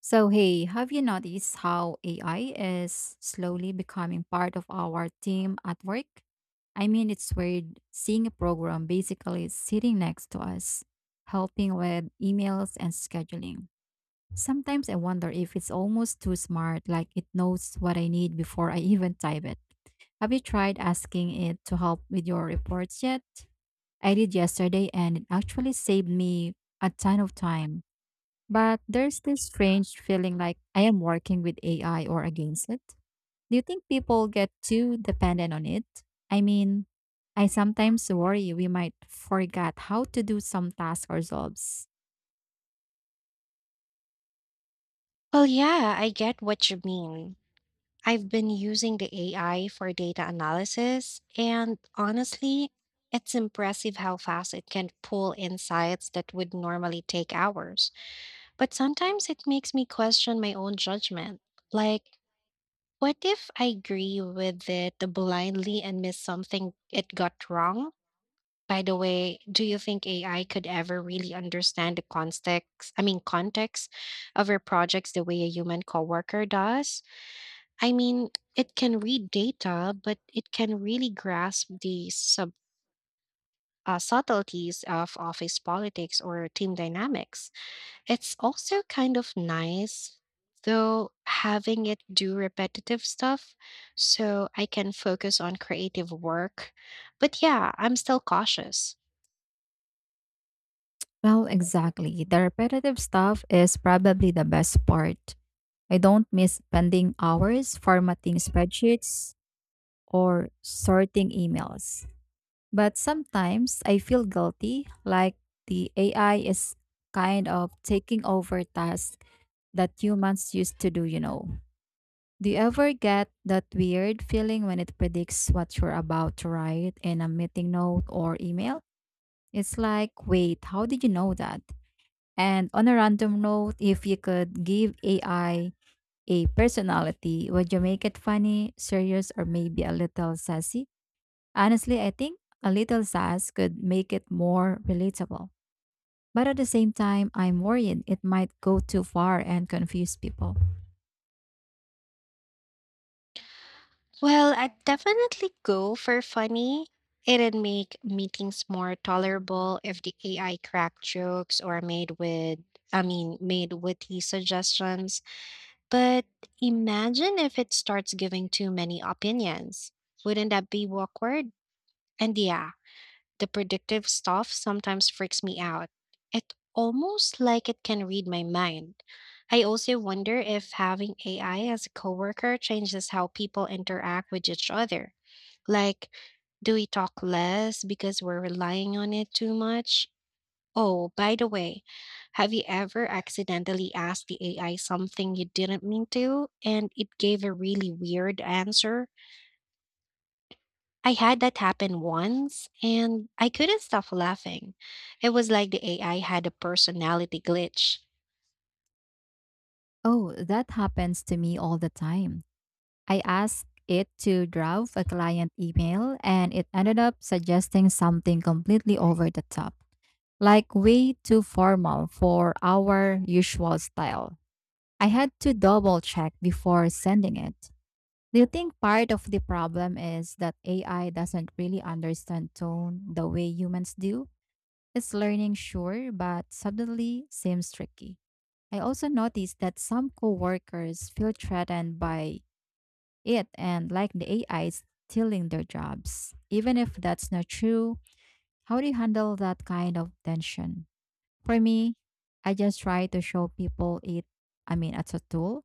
So, hey, have you noticed how AI is slowly becoming part of our team at work? It's weird seeing a program basically sitting next to us, helping with emails and scheduling. Sometimes I wonder if it's almost too smart, like it knows what I need before I even type it. Have you tried asking it to help with your reports yet? I did yesterday and it actually saved me a ton of time. But there's this strange feeling like I am working with AI or against it. Do you think people get too dependent on it? I mean, I sometimes worry we might forget how to do some tasks ourselves. Well, yeah, I get what you mean. I've been using the AI for data analysis, and honestly, it's impressive how fast it can pull insights that would normally take hours. But sometimes it makes me question my own judgment. Like, what if I agree with it blindly and miss something it got wrong? By the way, do you think AI could ever really understand the context, context of your projects the way a human coworker does? I mean, it can read data, but it can really grasp the subtleties of office politics or team dynamics. It's also kind of nice, though, having it do repetitive stuff so I can focus on creative work. But yeah, I'm still cautious. Well, exactly. The repetitive stuff is probably the best part. I don't miss spending hours formatting spreadsheets or sorting emails. But sometimes I feel guilty, like the AI is kind of taking over tasks that humans used to do. Do you ever get that weird feeling when it predicts what you're about to write in a meeting note or email? It's like, wait, how did you know that? And on a random note, if you could give AI a personality, would you make it funny, serious, or maybe a little sassy? Honestly, I think a little sass could make it more relatable. But at the same time, I'm worried it might go too far and confuse people. Well, I'd definitely go for funny. It'd make meetings more tolerable if the AI cracked jokes or made with, I mean, made witty suggestions. But imagine if it starts giving too many opinions. Wouldn't that be awkward? And yeah, the predictive stuff sometimes freaks me out. It almost like it can read my mind. I also wonder if having AI as a coworker changes how people interact with each other. Like, do we talk less because we're relying on it too much? Oh, by the way, have you ever accidentally asked the AI something you didn't mean to and it gave a really weird answer? I had that happen once and I couldn't stop laughing. It was like the AI had a personality glitch. Oh, that happens to me all the time. I asked it to draft a client email and it ended up suggesting something completely over the top, like way too formal for our usual style. I had to double check before sending it. Do you think part of the problem is that AI doesn't really understand tone the way humans do? It's learning, sure, but suddenly seems tricky. I also noticed that some coworkers feel threatened by it and like the AI is stealing their jobs. Even if that's not true, how do you handle that kind of tension? For me, I just try to show people it's a tool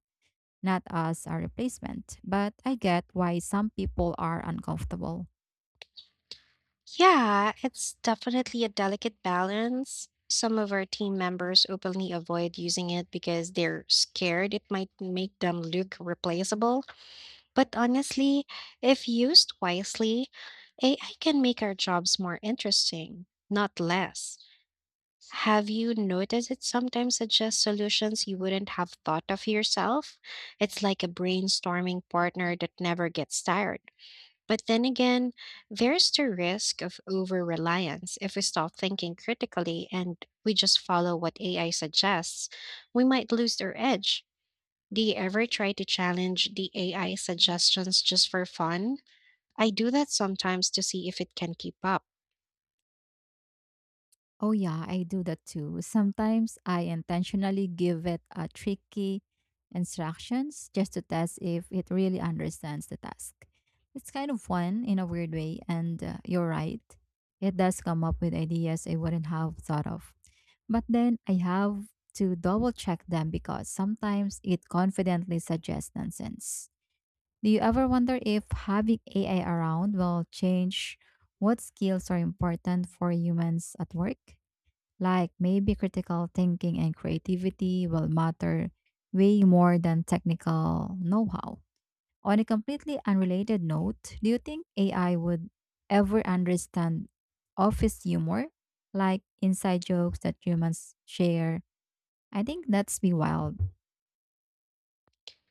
not as a replacement. But I get why some people are uncomfortable. Yeah, it's definitely a delicate balance. Some of our team members openly avoid using it because they're scared it might make them look replaceable. But honestly, if used wisely, AI can make our jobs more interesting, not less. Have you noticed it sometimes suggests solutions you wouldn't have thought of yourself? It's like a brainstorming partner that never gets tired. But then again, there's the risk of over reliance. If we stop thinking critically and we just follow what AI suggests, we might lose our edge. Do you ever try to challenge the AI suggestions just for fun? I do that sometimes to see if it can keep up. Oh, yeah, I do that too. Sometimes I intentionally give it a tricky instructions just to test if it really understands the task. It's kind of fun in a weird way, and you're right. It does come up with ideas I wouldn't have thought of. But then I have to double check them because sometimes it confidently suggests nonsense. Do you ever wonder if having AI around will change what skills are important for humans at work? Like maybe critical thinking and creativity will matter way more than technical know how. On a completely unrelated note, do you think AI would ever understand office humor, like inside jokes that humans share? I think that's be wild.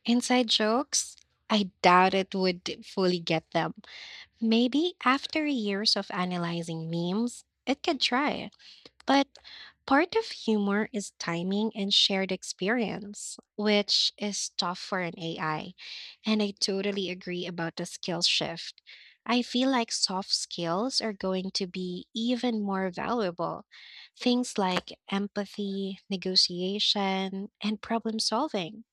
Inside jokes? I doubt it would fully get them. Maybe after years of analyzing memes, it could try. But part of humor is timing and shared experience, which is tough for an AI. And I totally agree about the skill shift. I feel like soft skills are going to be even more valuable. Things like empathy, negotiation, and problem solving.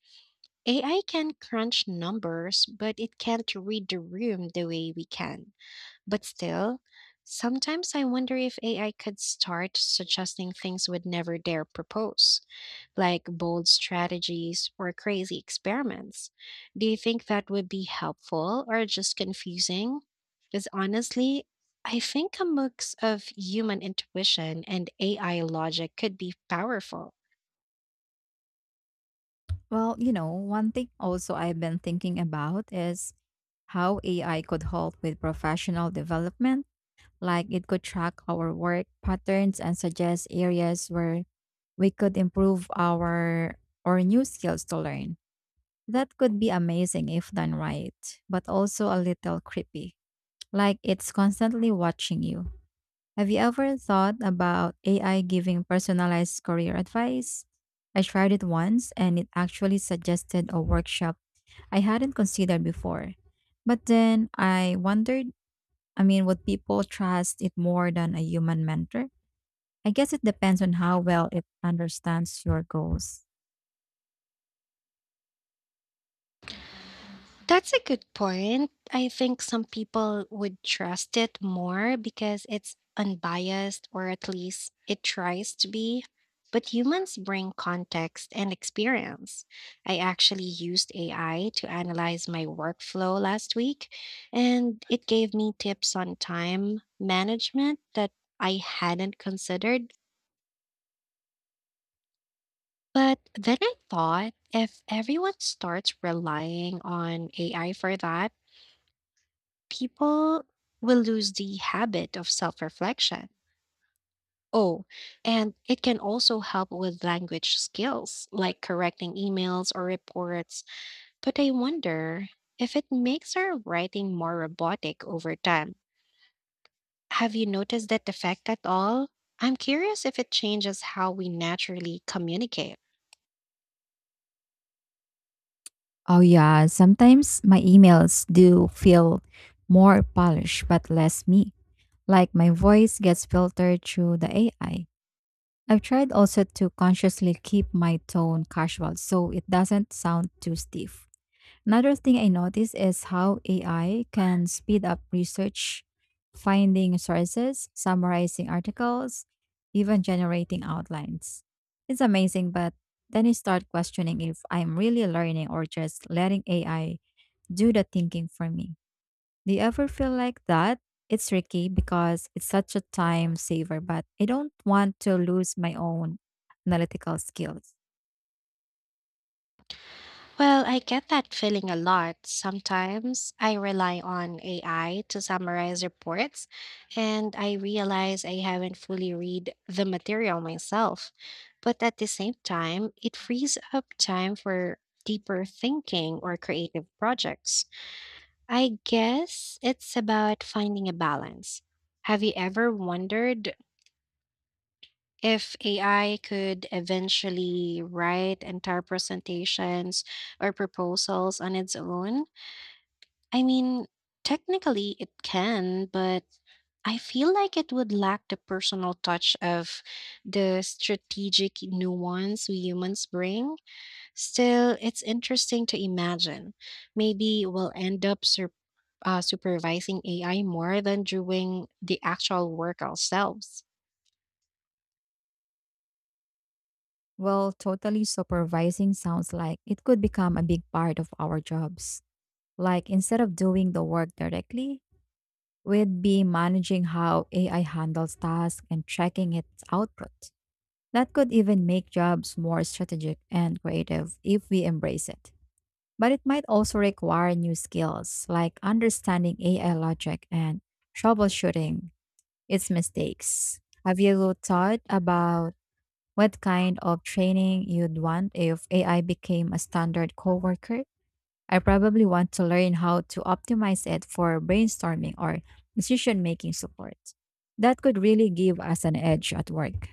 AI can crunch numbers, but it can't read the room the way we can. But still, sometimes I wonder if AI could start suggesting things we would never dare propose, like bold strategies or crazy experiments. Do you think that would be helpful or just confusing? Because honestly, I think a mix of human intuition and AI logic could be powerful. Well, you know, one thing also I've been thinking about is how AI could help with professional development. Like it could track our work patterns and suggest areas where we could improve our or new skills to learn. That could be amazing if done right, but also a little creepy. Like it's constantly watching you. Have you ever thought about AI giving personalized career advice? I tried it once and it actually suggested a workshop I hadn't considered before. But then I wondered, would people trust it more than a human mentor? I guess it depends on how well it understands your goals. That's a good point. I think some people would trust it more because it's unbiased, or at least it tries to be. But humans bring context and experience. I actually used AI to analyze my workflow last week, and it gave me tips on time management that I hadn't considered. But then I thought if everyone starts relying on AI for that, people will lose the habit of self reflection. Oh, and it can also help with language skills like correcting emails or reports. But I wonder if it makes our writing more robotic over time. Have you noticed that effect at all? I'm curious if it changes how we naturally communicate. Oh, yeah. Sometimes my emails do feel more polished, but less me. Like my voice gets filtered through the AI. I've tried also to consciously keep my tone casual so it doesn't sound too stiff. Another thing I noticed is how AI can speed up research, finding sources, summarizing articles, even generating outlines. It's amazing, but then I start questioning if I'm really learning or just letting AI do the thinking for me. Do you ever feel like that? It's tricky because it's such a time saver, but I don't want to lose my own analytical skills. Well, I get that feeling a lot. Sometimes I rely on AI to summarize reports, and I realize I haven't fully read the material myself. But at the same time, it frees up time for deeper thinking or creative projects. I guess it's about finding a balance. Have you ever wondered if AI could eventually write entire presentations or proposals on its own? I mean, technically it can, but I feel like it would lack the personal touch of the strategic nuance we humans bring. Still, it's interesting to imagine. Maybe we'll end up supervising AI more than doing the actual work ourselves. Well, totally supervising sounds like it could become a big part of our jobs. Like instead of doing the work directly, we'd be managing how AI handles tasks and tracking its output. That could even make jobs more strategic and creative if we embrace it. But it might also require new skills like understanding AI logic and troubleshooting its mistakes. Have you thought about what kind of training you'd want if AI became a standard coworker? I probably want to learn how to optimize it for brainstorming or decision making support. That could really give us an edge at work.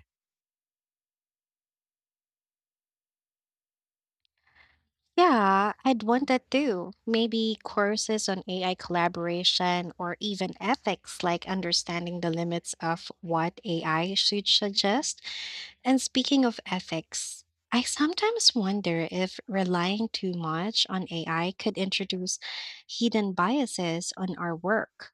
Yeah, I'd want that too. Maybe courses on AI collaboration or even ethics, like understanding the limits of what AI should suggest. And speaking of ethics, I sometimes wonder if relying too much on AI could introduce hidden biases on our work.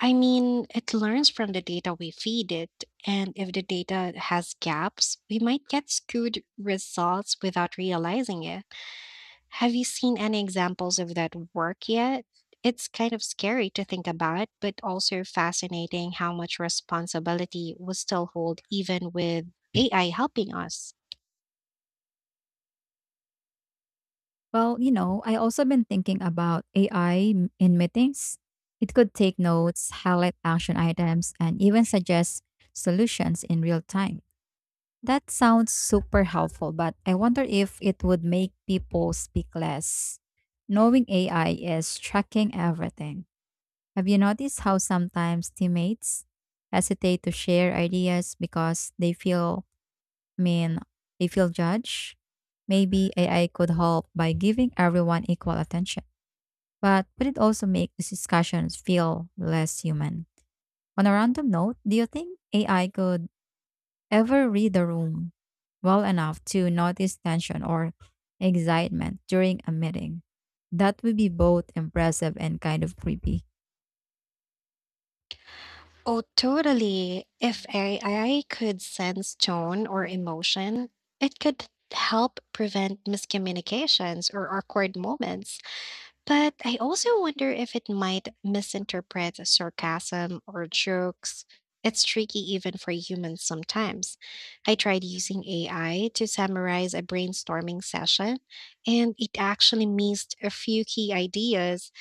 I mean, it learns from the data we feed it, and if the data has gaps, we might get skewed results without realizing it. Have you seen any examples of that work yet? It's kind of scary to think about, but also fascinating how much responsibility we still hold even with AI helping us. Well, you know, I also been thinking about AI in meetings. It could take notes, highlight action items, and even suggest solutions in real time. That sounds super helpful, but I wonder if it would make people speak less. Knowing AI is tracking everything. Have you noticed how sometimes teammates hesitate to share ideas because I mean, they feel judged? Maybe AI could help by giving everyone equal attention, but would it also make these discussions feel less human? On a random note, do you think AI could ever read the room well enough to notice tension or excitement during a meeting? That would be both impressive and kind of creepy. Oh, totally. If AI could sense tone or emotion, it could help prevent miscommunications or awkward moments. But I also wonder if it might misinterpret sarcasm or jokes. It's tricky even for humans sometimes. I tried using AI to summarize a brainstorming session, and it actually missed a few key ideas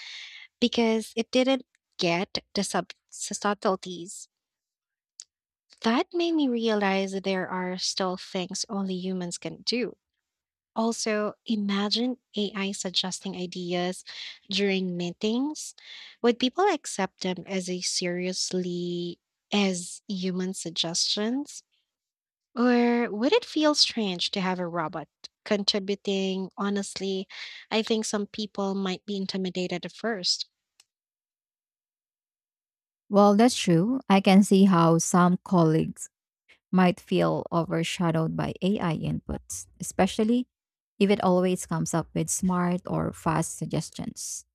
because it didn't get the subtleties. That made me realize that there are still things only humans can do. Also, imagine AI suggesting ideas during meetings. Would people accept them as a seriously as human suggestions? Or would it feel strange to have a robot contributing? Honestly, I think some people might be intimidated at first. Well, that's true. I can see how some colleagues might feel overshadowed by AI inputs, especially if it always comes up with smart or fast suggestions.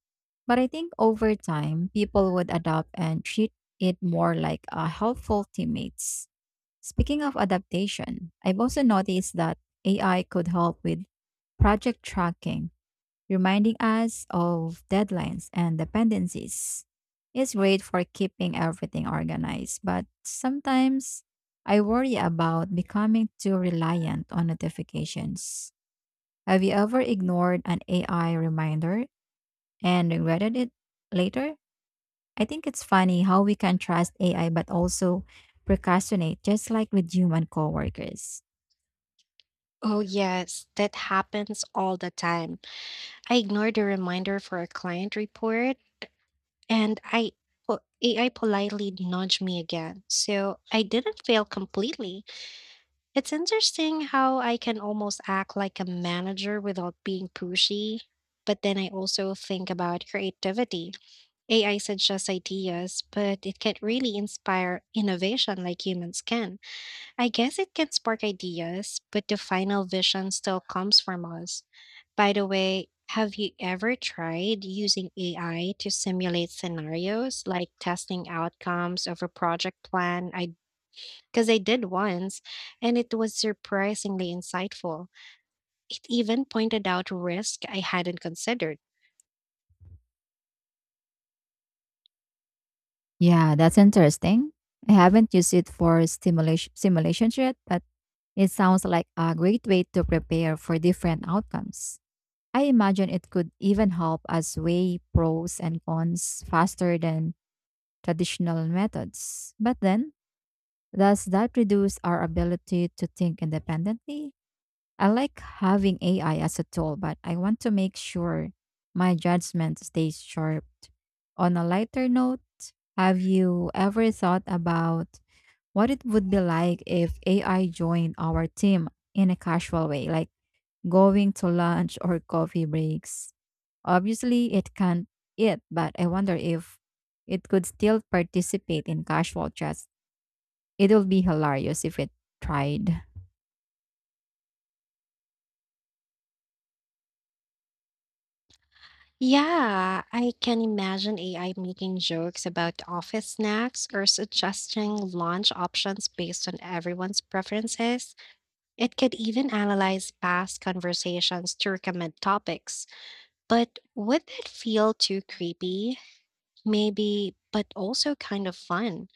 But I think over time, people would adapt and treat it more like a helpful teammates. Speaking of adaptation, I've also noticed that AI could help with project tracking, reminding us of deadlines and dependencies. It's great for keeping everything organized, but sometimes I worry about becoming too reliant on notifications. Have you ever ignored an AI reminder and regretted it later? I think it's funny how we can trust AI but also procrastinate just like with human coworkers. Oh, yes, that happens all the time. I ignored a reminder for a client report and AI politely nudged me again. So I didn't fail completely. It's interesting how I can almost act like a manager without being pushy. But then I also think about creativity. AI suggests ideas, but it can't really inspire innovation like humans can. I guess it can spark ideas, but the final vision still comes from us. By the way, have you ever tried using AI to simulate scenarios, like testing outcomes of a project plan? I Because I did once, and it was surprisingly insightful. It even pointed out risk I hadn't considered. Yeah, that's interesting. I haven't used it for stimulation simulations yet, but it sounds like a great way to prepare for different outcomes. I imagine it could even help us weigh pros and cons faster than traditional methods. But then, does that reduce our ability to think independently? I like having AI as a tool, but I want to make sure my judgment stays sharp. On a lighter note, have you ever thought about what it would be like if AI joined our team in a casual way, like going to lunch or coffee breaks? Obviously, it can't eat, but I wonder if it could still participate in casual chats. It will be hilarious if it tried. Yeah, I can imagine AI making jokes about office snacks or suggesting launch options based on everyone's preferences. It could even analyze past conversations to recommend topics. But would it feel too creepy? Maybe, but also kind of fun.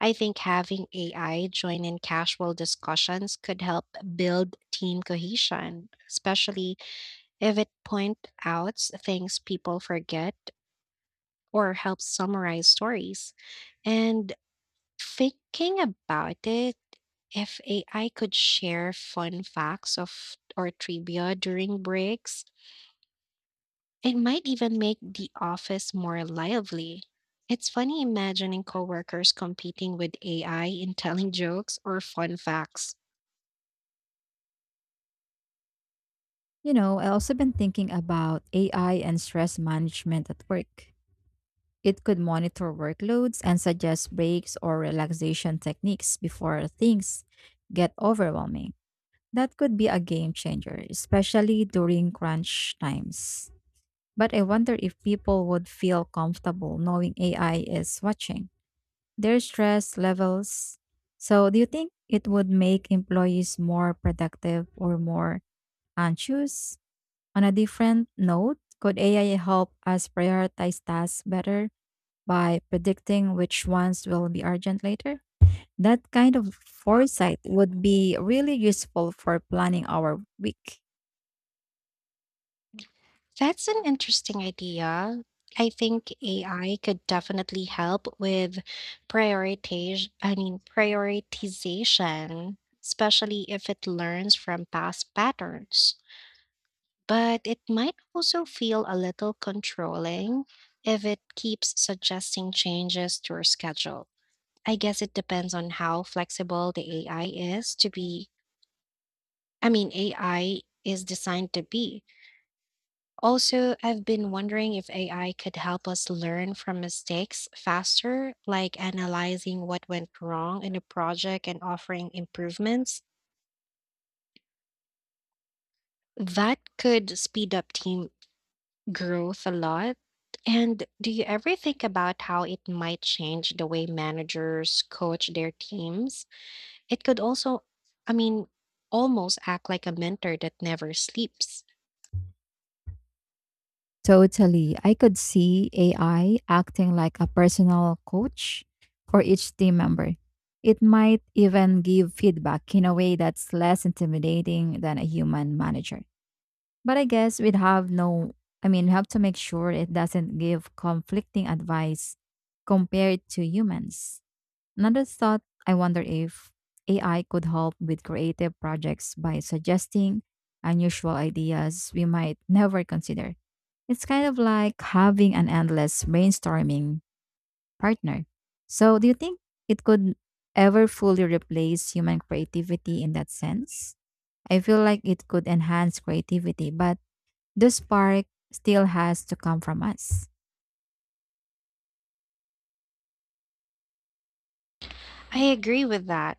I think having AI join in casual discussions could help build team cohesion, especially if it points out things people forget or helps summarize stories. And thinking about it, if AI could share fun facts of or trivia during breaks, it might even make the office more lively. It's funny imagining coworkers competing with AI in telling jokes or fun facts. You know, I also been thinking about AI and stress management at work. It could monitor workloads and suggest breaks or relaxation techniques before things get overwhelming. That could be a game changer, especially during crunch times. But I wonder if people would feel comfortable knowing AI is watching their stress levels. So, do you think it would make employees more productive or more anxious? On a different note, could AI help us prioritize tasks better by predicting which ones will be urgent later? That kind of foresight would be really useful for planning our week. That's an interesting idea. I think AI could definitely help with prioritization, especially if it learns from past patterns. But it might also feel a little controlling if it keeps suggesting changes to your schedule. I guess it depends on how flexible the AI is designed to be. Also, I've been wondering if AI could help us learn from mistakes faster, like analyzing what went wrong in a project and offering improvements. That could speed up team growth a lot. And do you ever think about how it might change the way managers coach their teams? It could I mean, almost act like a mentor that never sleeps. Totally. I could see AI acting like a personal coach for each team member. It might even give feedback in a way that's less intimidating than a human manager. But I guess we'd have no, I mean, we have to make sure it doesn't give conflicting advice compared to humans. Another thought: I wonder if AI could help with creative projects by suggesting unusual ideas we might never consider. It's kind of like having an endless brainstorming partner. So, do you think it could ever fully replace human creativity in that sense? I feel like it could enhance creativity, but the spark still has to come from us. I agree with that.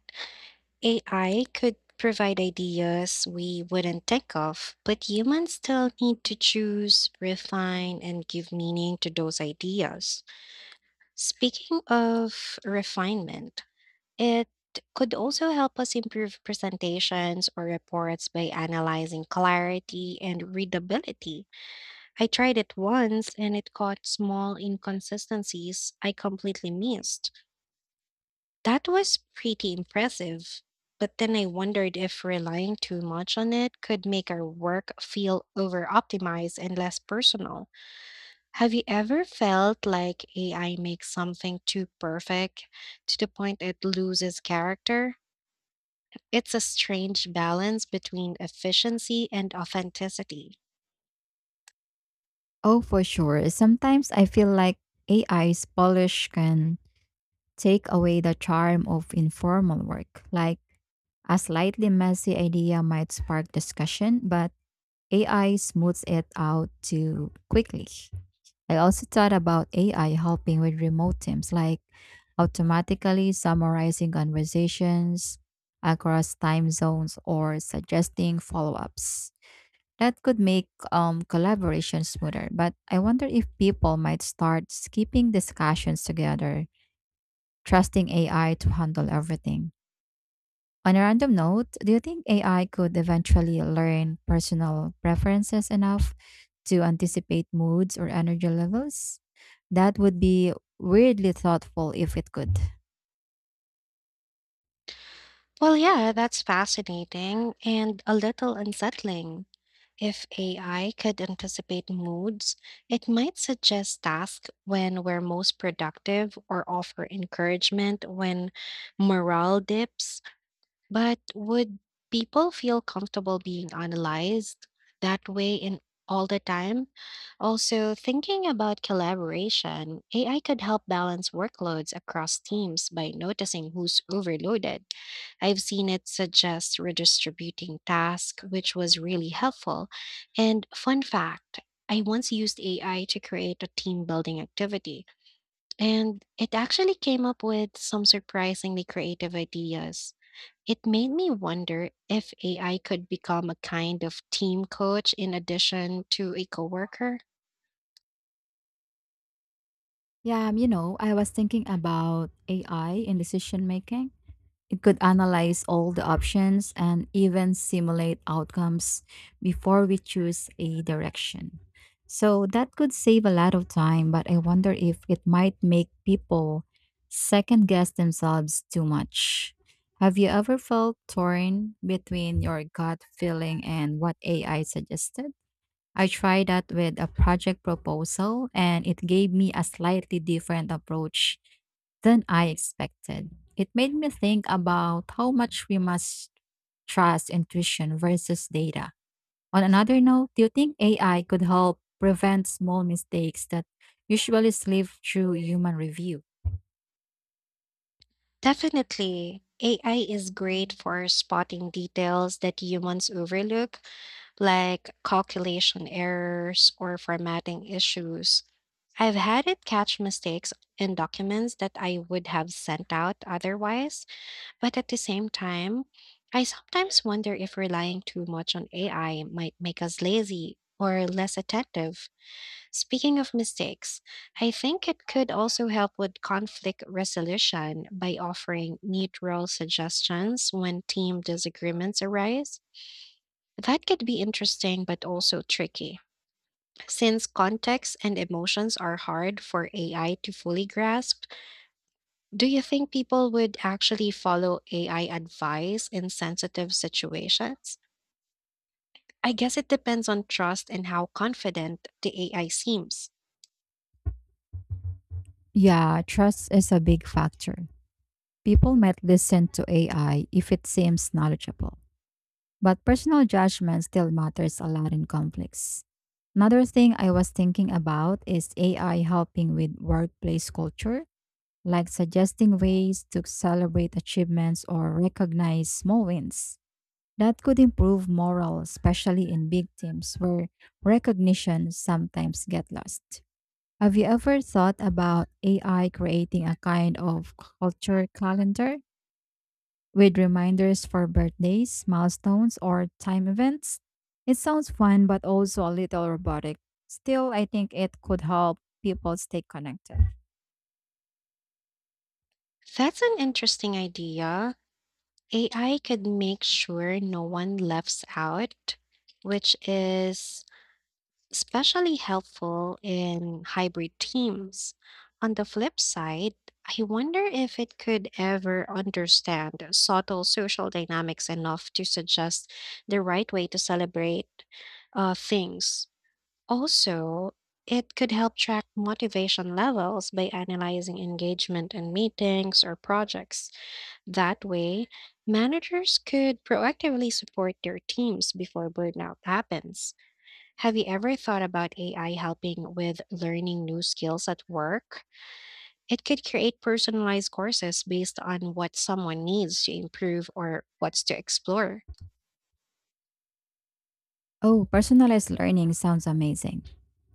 AI could provide ideas we wouldn't think of, but humans still need to choose, refine, and give meaning to those ideas. Speaking of refinement, it could also help us improve presentations or reports by analyzing clarity and readability. I tried it once and it caught small inconsistencies I completely missed. That was pretty impressive. But then I wondered if relying too much on it could make our work feel over optimized and less personal. Have you ever felt like AI makes something too perfect to the point it loses character? It's a strange balance between efficiency and authenticity. Oh, for sure. Sometimes I feel like AI's polish can take away the charm of informal work. Like a slightly messy idea might spark discussion, but AI smooths it out too quickly. I also thought about AI helping with remote teams, like automatically summarizing conversations across time zones or suggesting follow ups. That could make collaboration smoother, but I wonder if people might start skipping discussions together, trusting AI to handle everything. On a random note, do you think AI could eventually learn personal preferences enough to anticipate moods or energy levels? That would be weirdly thoughtful if it could. Well, yeah, that's fascinating and a little unsettling. If AI could anticipate moods, it might suggest tasks when we're most productive or offer encouragement when morale dips. But would people feel comfortable being analyzed that way in all the time? Also, thinking about collaboration, AI could help balance workloads across teams by noticing who's overloaded. I've seen it suggest redistributing tasks, which was really helpful. And fun fact, I once used AI to create a team building activity. And it actually came up with some surprisingly creative ideas. It made me wonder if AI could become a kind of team coach in addition to a coworker. Yeah, you know, I was thinking about AI in decision making. It could analyze all the options and even simulate outcomes before we choose a direction. So that could save a lot of time, but I wonder if it might make people second guess themselves too much. Have you ever felt torn between your gut feeling and what AI suggested? I tried that with a project proposal and it gave me a slightly different approach than I expected. It made me think about how much we must trust intuition versus data. On another note, do you think AI could help prevent small mistakes that usually slip through human review? Definitely, AI is great for spotting details that humans overlook, like calculation errors or formatting issues. I've had it catch mistakes in documents that I would have sent out otherwise. But at the same time, I sometimes wonder if relying too much on AI might make us lazy or less attentive. Speaking of mistakes, I think it could also help with conflict resolution by offering neutral suggestions when team disagreements arise. That could be interesting but also tricky. Since context and emotions are hard for AI to fully grasp, do you think people would actually follow AI advice in sensitive situations? I guess it depends on trust and how confident the AI seems. Yeah, trust is a big factor. People might listen to AI if it seems knowledgeable, but personal judgment still matters a lot in conflicts. Another thing I was thinking about is AI helping with workplace culture, like suggesting ways to celebrate achievements or recognize small wins. That could improve morale, especially in big teams where recognition sometimes get lost. Have you ever thought about AI creating a kind of culture calendar with reminders for birthdays, milestones, or time events? It sounds fun, but also a little robotic. Still, I think it could help people stay connected. That's an interesting idea. AI could make sure no one left out, which is especially helpful in hybrid teams. On the flip side, I wonder if it could ever understand subtle social dynamics enough to suggest the right way to celebrate things. Also, it could help track motivation levels by analyzing engagement in meetings or projects. That way, managers could proactively support their teams before burnout happens. Have you ever thought about AI helping with learning new skills at work? It could create personalized courses based on what someone needs to improve or what's to explore. Oh, personalized learning sounds amazing.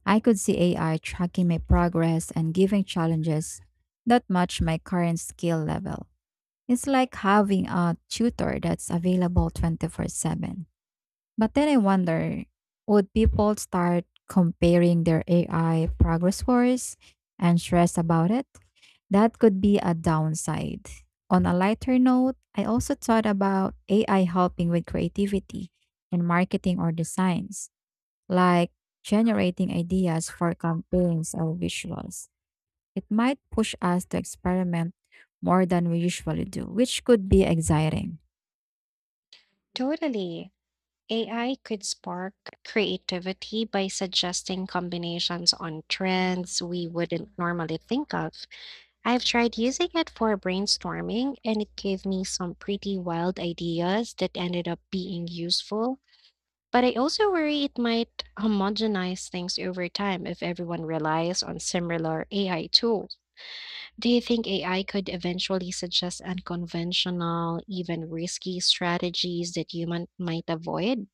I could see AI tracking my progress and giving challenges that match my current skill level. It's like having a tutor that's available 24/7. But then I wonder, would people start comparing their AI progress scores and stress about it? That could be a downside. On a lighter note, I also thought about AI helping with creativity in marketing or designs, like generating ideas for campaigns or visuals. It might push us to experiment more than we usually do, which could be exciting. Totally. AI could spark creativity by suggesting combinations on trends we wouldn't normally think of. I've tried using it for brainstorming, and it gave me some pretty wild ideas that ended up being useful. But I also worry it might homogenize things over time if everyone relies on similar AI tools. Do you think AI could eventually suggest unconventional, even risky strategies that human might avoid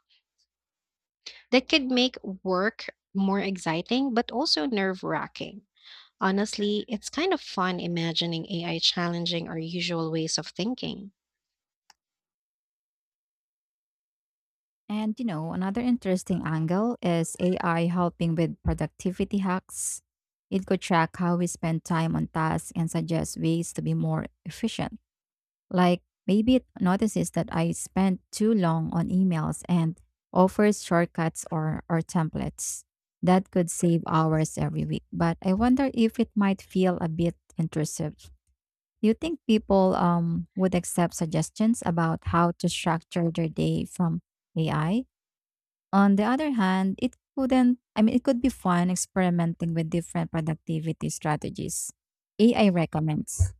that could make work more exciting but also nerve-wracking? Honestly, it's kind of fun imagining AI challenging our usual ways of thinking. And you know, another interesting angle is AI helping with productivity hacks. It could track how we spend time on tasks and suggest ways to be more efficient. Like maybe it notices that I spent too long on emails and offers shortcuts or templates. That could save hours every week. But I wonder if it might feel a bit intrusive. You think people would accept suggestions about how to structure their day from AI? On the other hand, it couldn't, I mean, it could be fun experimenting with different productivity strategies AI recommends.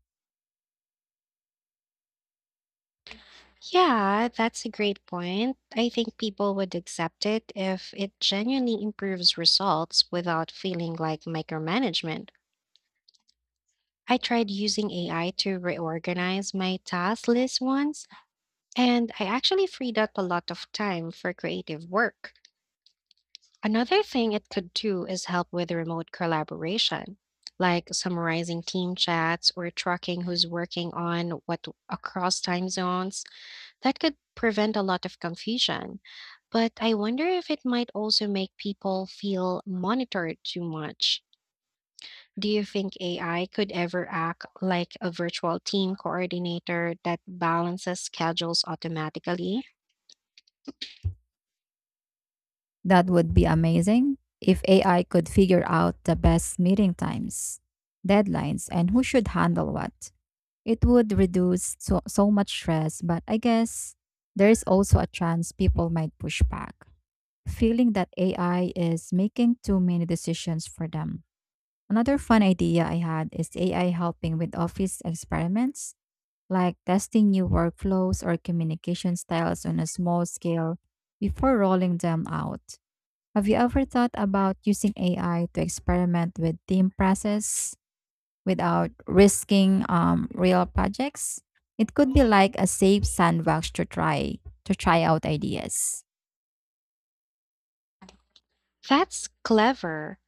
Yeah, that's a great point. I think people would accept it if it genuinely improves results without feeling like micromanagement. I tried using AI to reorganize my task list once, and I actually freed up a lot of time for creative work. Another thing it could do is help with remote collaboration, like summarizing team chats or tracking who's working on what across time zones. That could prevent a lot of confusion. But I wonder if it might also make people feel monitored too much. Do you think AI could ever act like a virtual team coordinator that balances schedules automatically? That would be amazing if AI could figure out the best meeting times, deadlines, and who should handle what. It would reduce so much stress, but I guess there's also a chance people might push back, feeling that AI is making too many decisions for them. Another fun idea I had is AI helping with office experiments, like testing new workflows or communication styles on a small scale before rolling them out. Have you ever thought about using AI to experiment with team process without risking real projects? It could be like a safe sandbox to try out ideas. That's clever.